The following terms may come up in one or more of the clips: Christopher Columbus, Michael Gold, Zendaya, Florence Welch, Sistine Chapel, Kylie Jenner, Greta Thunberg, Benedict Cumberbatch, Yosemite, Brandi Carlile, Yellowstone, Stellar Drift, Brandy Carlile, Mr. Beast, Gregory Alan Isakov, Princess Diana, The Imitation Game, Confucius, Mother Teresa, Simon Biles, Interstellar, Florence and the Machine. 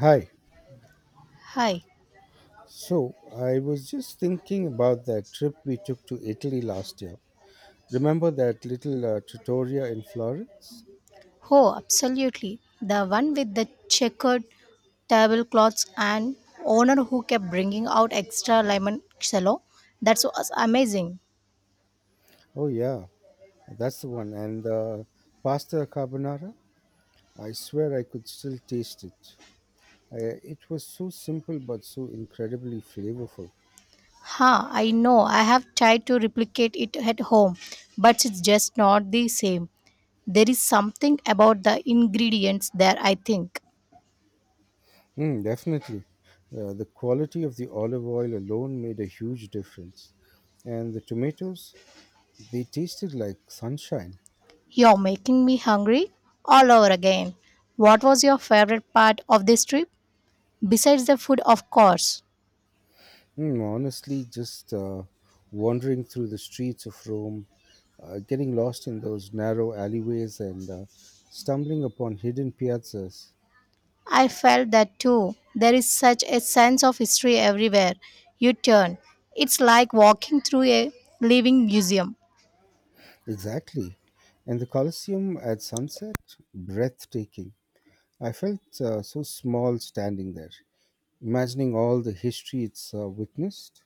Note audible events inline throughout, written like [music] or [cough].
Hi. Hi. So, I was just thinking about that trip we took to Italy last year. Remember that little trattoria in Florence? Oh, absolutely. The one with the checkered tablecloths and owner who kept bringing out extra limoncello. That was amazing. Oh, yeah, that's the one. And the pasta carbonara? I swear I could still taste it. It was so simple but so incredibly flavorful. Ha, I know. I have tried to replicate it at home, but it's just not the same. There is something about the ingredients there, I think. Mm, definitely. The quality of the olive oil alone made a huge difference. And the tomatoes, they tasted like sunshine. You're making me hungry all over again. What was your favorite part of this trip? Besides the food, of course. Hmm, honestly, just wandering through the streets of Rome, getting lost in those narrow alleyways and stumbling upon hidden piazzas. I felt that too. There is such a sense of history everywhere you turn. It's like walking through a living museum. Exactly. And the Colosseum at sunset? Breathtaking. I felt so small standing there, imagining all the history it's witnessed.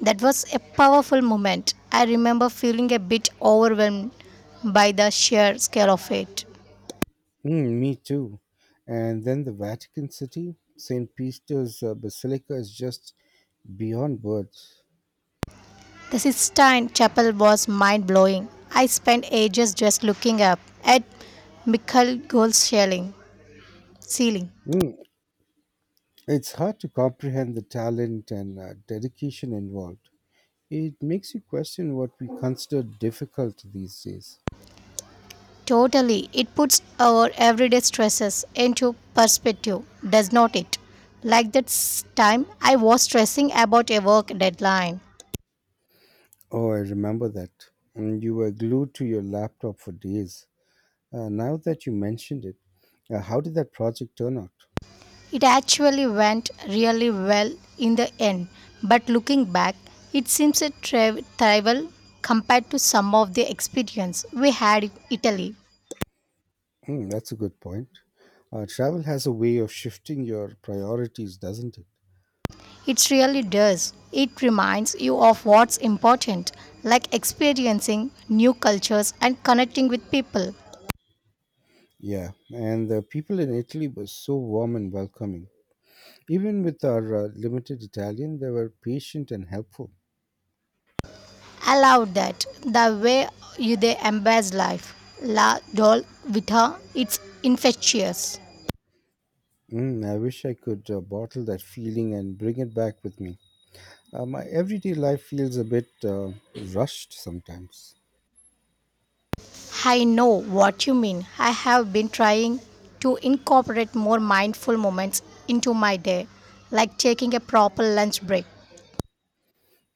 That was a powerful moment. I remember feeling a bit overwhelmed by the sheer scale of it. Mm, me too. And then the Vatican City, St. Peter's Basilica is just beyond words. The Sistine Chapel was mind blowing. I spent ages just looking up at Michael Gold's ceiling. Mm, it's hard to comprehend the talent and dedication involved. It makes you question what we consider difficult these days. Totally. It puts our everyday stresses into perspective, does not it? Like that time I was stressing about a work deadline. Oh, I remember that. And you were glued to your laptop for days. Now that you mentioned it, how did that project turn out? It actually went really well in the end, but looking back, it seems a trivial compared to some of the experience we had in Italy. Hmm, that's a good point. Travel has a way of shifting your priorities, doesn't it? It really does. It reminds you of what's important, like experiencing new cultures and connecting with people. Yeah, and the people in Italy were so warm and welcoming. Even with our limited Italian, they were patient and helpful. Allowed that. The way you they embrace life, la doll vita it's infectious. Mm, I wish I could bottle that feeling and bring it back with me. My everyday life feels a bit rushed sometimes. I know what you mean. I have been trying to incorporate more mindful moments into my day, like taking a proper lunch break.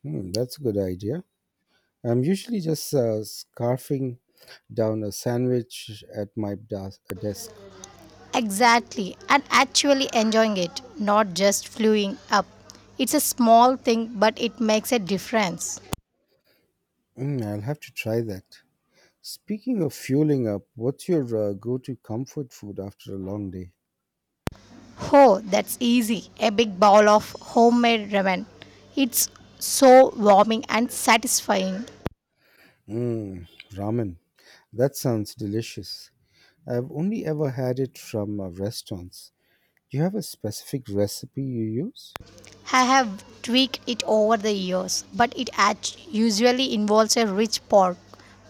Hmm, that's a good idea. I'm usually just scarfing down a sandwich at my desk. Exactly, and actually enjoying it, not just fluing up. It's a small thing, but it makes a difference. Mm, I'll have to try that. Speaking of fueling up, what's your go to comfort food after a long day? Oh, that's easy. A big bowl of homemade ramen. It's so warming and satisfying. Mm, ramen. That sounds delicious. I've only ever had it from restaurants. Do you have a specific recipe you use? I have tweaked it over the years, but it usually involves a rich pork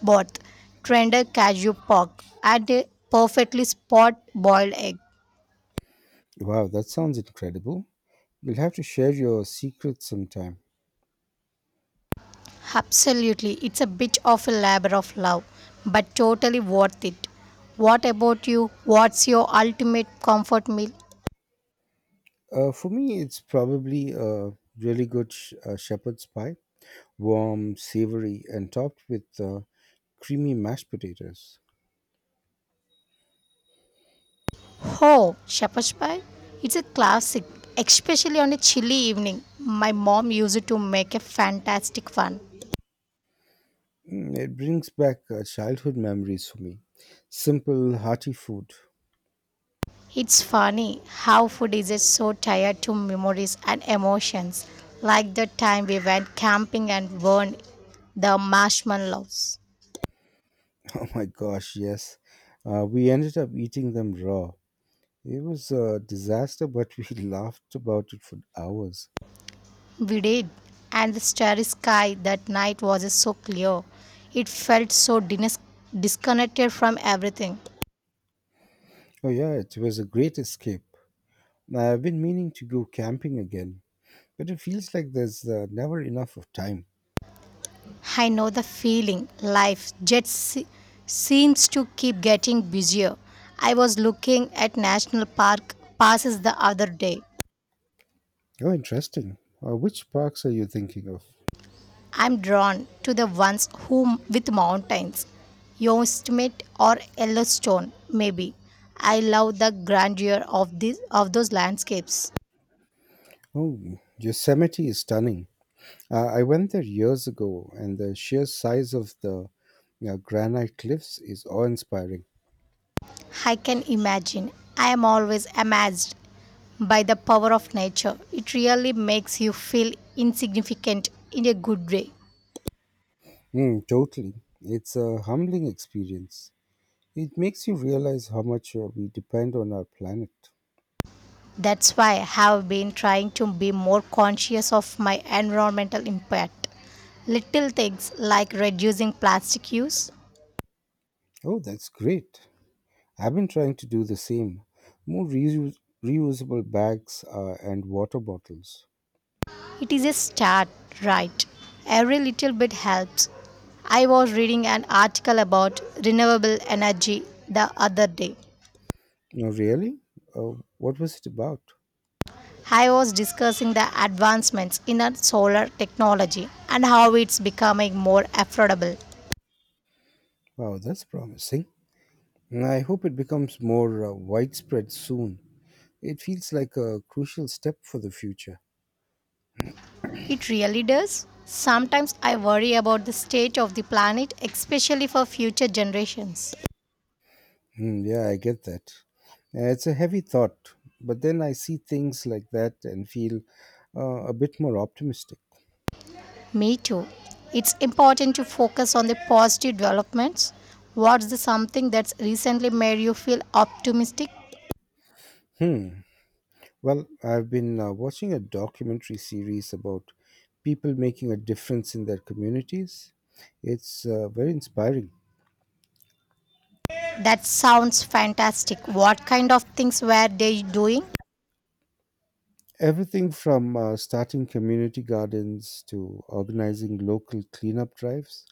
broth, tender cashew pork, and a perfectly spot boiled egg. Wow, that sounds incredible. You'll have to share your secrets sometime. Absolutely, it's a bit of a labor of love, but totally worth it. What about you? What's your ultimate comfort meal? For me, it's probably a really good shepherd's pie, warm, savory, and topped with creamy mashed potatoes. Oh, shepherd's pie. It's a classic, especially on a chilly evening. My mom used it to make a fantastic fun. Mm, it brings back childhood memories for me. Simple, hearty food. [laughs] It's funny how food is just so tied to memories and emotions, like the time we went camping and burned the marshmallows. Oh my gosh, yes. We ended up eating them raw. It was a disaster, but we [laughs] laughed about it for hours. We did, and the starry sky that night was so clear. It felt so disconnected from everything. Oh, yeah, it was a great escape. I've been meaning to go camping again, but it feels like there's never enough of time. I know the feeling. Life just seems to keep getting busier. I was looking at national park passes the other day. Oh, interesting. Which parks are you thinking of? I'm drawn to the ones who with mountains, Yosemite or Yellowstone, maybe. I love the grandeur of these of those landscapes. Oh, Yosemite is stunning. I went there years ago, and the sheer size of the you granite cliffs is awe inspiring. I can imagine. I am always amazed by the power of nature. It really makes you feel insignificant in a good way. Mm, totally. It's a humbling experience. It makes you realize how much we depend on our planet. That's why I have been trying to be more conscious of my environmental impact. Little things like reducing plastic use. Oh, that's great. I've been trying to do the same. More reusable bags and water bottles. It is a start, right? Every little bit helps. I was reading an article about renewable energy the other day. Oh, really? What was it about? I was discussing the advancements in our solar technology and how it's becoming more affordable. Wow, that's promising. And I hope it becomes more widespread soon. It feels like a crucial step for the future. It really does. Sometimes I worry about the state of the planet, especially for future generations. Hmm, yeah, I get that. It's a heavy thought, but then I see things like that and feel a bit more optimistic. Me too. It's important to focus on the positive developments. What's the something that's recently made you feel optimistic? Hmm. Well, I've been watching a documentary series about people making a difference in their communities. It's very inspiring. That sounds fantastic. What kind of things were they doing? Everything from starting community gardens to organizing local cleanup drives.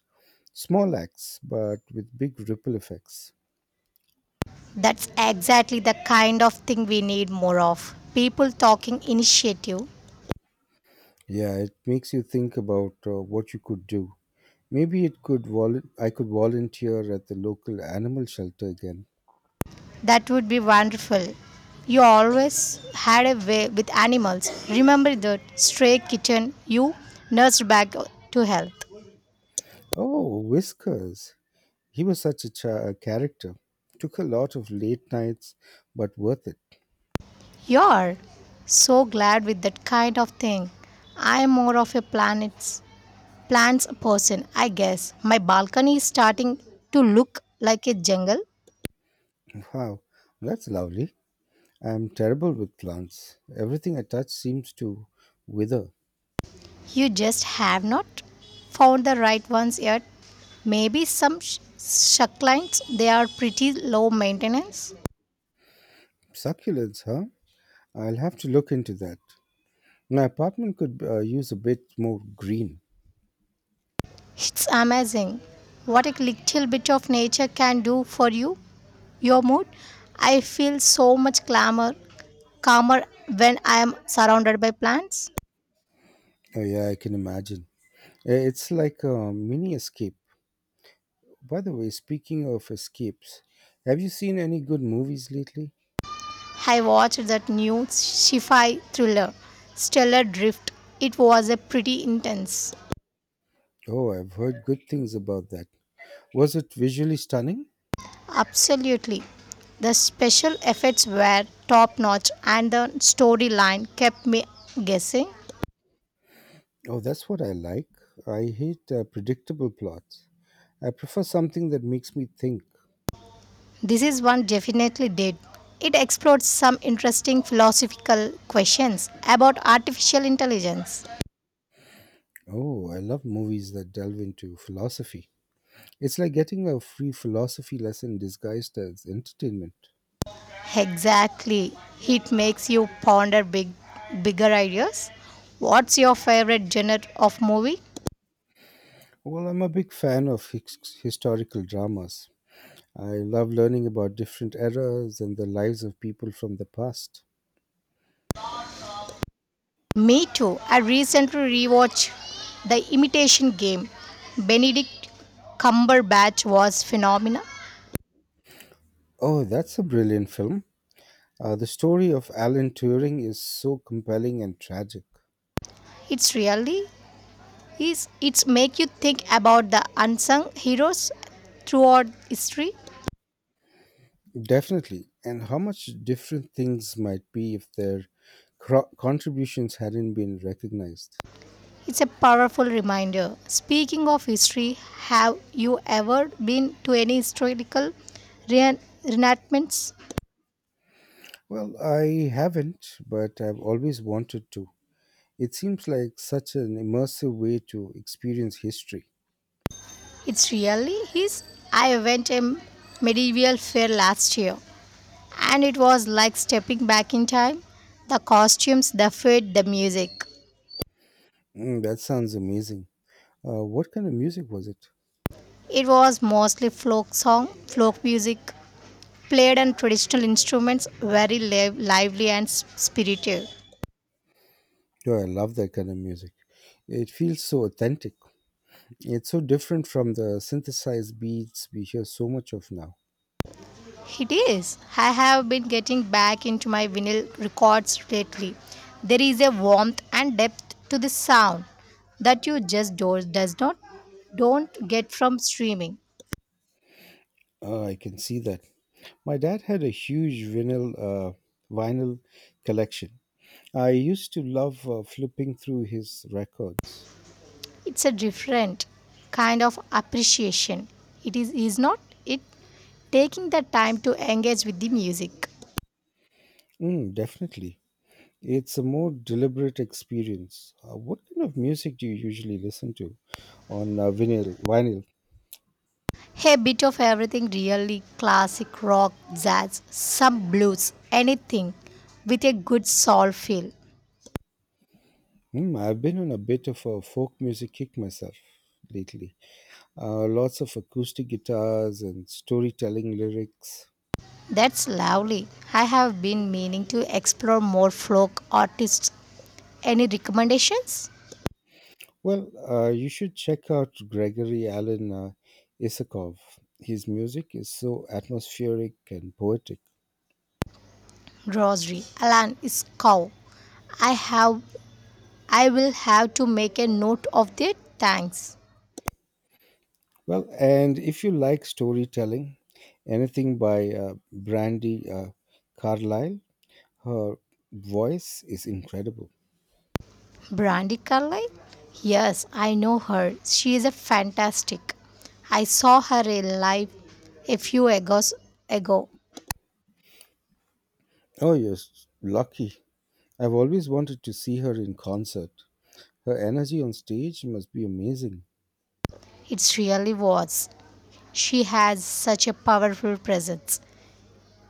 Small acts, but with big ripple effects. That's exactly the kind of thing we need more of. People talking initiative. Yeah, it makes you think about what you could do. Maybe I could volunteer at the local animal shelter again. That would be wonderful. You always had a way with animals. Remember that stray kitten you nursed back to health. Oh, whiskers. He was such a character. Took a lot of late nights, but worth it. You're so glad with that kind of thing. I'm more of a planets plants person, I guess. My balcony is starting to look like a jungle. Wow, that's lovely. I'm terrible with plants. Everything I touch seems to wither. You just have not found the right ones yet. Maybe some succulents they are pretty low maintenance. Succulents, huh? I'll have to look into that. My apartment could use a bit more green. It's amazing what a little bit of nature can do for you, your mood. I feel so much calmer when I am surrounded by plants. Oh, yeah, I can imagine. It's like a mini escape. By the way, speaking of escapes, have you seen any good movies lately? I watched that new sci-fi thriller, Stellar Drift. It was a pretty intense. Oh, I've heard good things about that. Was it visually stunning? Absolutely. The special effects were top notch and the storyline kept me guessing. Oh, that's what I like. I hate predictable plots. I prefer something that makes me think. This is one definitely did. It explores some interesting philosophical questions about artificial intelligence. Oh, I love movies that delve into philosophy. It's like getting a free philosophy lesson disguised as entertainment. Exactly. It makes you ponder bigger ideas. What's your favorite genre of movie? Well, I'm a big fan of historical dramas. I love learning about different eras and the lives of people from the past. Me too. I recently rewatched The Imitation Game. Benedict Cumberbatch was phenomenal. Oh, that's a brilliant film. The story of Alan Turing is so compelling and tragic. It's really is it's make you think about the unsung heroes throughout history. Definitely. And how much different things might be if their contributions hadn't been recognized? It's a powerful reminder. Speaking of history, have you ever been to any historical re- reenactments? Well, I haven't, but I've always wanted to. It seems like such an immersive way to experience history. It's really his. I went a medieval fair last year and it was like stepping back in time. The costumes, the food, the music. Mm, that sounds amazing. What kind of music was it? It was mostly folk music, played on traditional instruments, very lively and spirited. Oh, I love that kind of music. It feels so authentic. It's so different from the synthesized beats we hear so much of now. It is. I have been getting back into my vinyl records lately. There is a warmth and depth to the sound that you just do, does not don't get from streaming. I can see that. My dad had a huge vinyl collection. I used to love flipping through his records. It's a different kind of appreciation. It is not it, taking the time to engage with the music. Mm, definitely. It's a more deliberate experience. What kind of music do you usually listen to on vinyl. A bit of everything really classic rock, jazz, some blues, anything with a good soul feel. Hmm. I've been on a bit of a folk music kick myself lately. Lots of acoustic guitars and storytelling lyrics. That's lovely. I have been meaning to explore more folk artists. Any recommendations? Well, you should check out Gregory Alan Isakov. His music is so atmospheric and poetic. Grocery. Alan is cow. I have I will have to make a note of that. Thanks. Well, and if you like storytelling, anything by Brandy Carlile, her voice is incredible. Brandy Carlyle? Yes, I know her. She is a fantastic. I saw her in live a few years ago. Oh, lucky. I've always wanted to see her in concert. Her energy on stage must be amazing. It really was. She has such a powerful presence.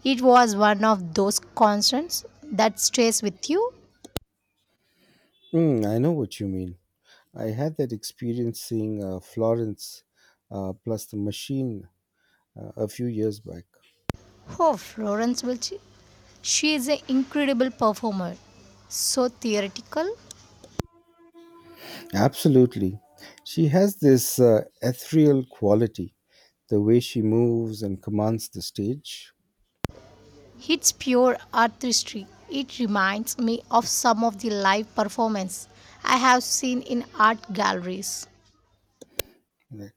It was one of those concerts that stays with you. Mm, I know what you mean. I had that experience seeing Florence plus the machine a few years back. Oh, Florence Welch. She is an incredible performer. So theoretical. Absolutely. She has this ethereal quality, the way she moves and commands the stage. It's pure artistry. It reminds me of some of the live performances I have seen in art galleries. Right.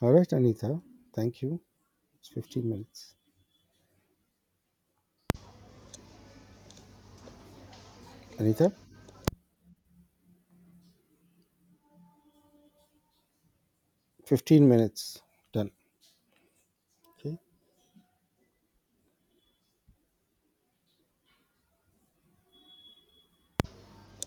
All right, Anita. Thank you. It's 15 minutes. Anita, 15 minutes. Done. Okay.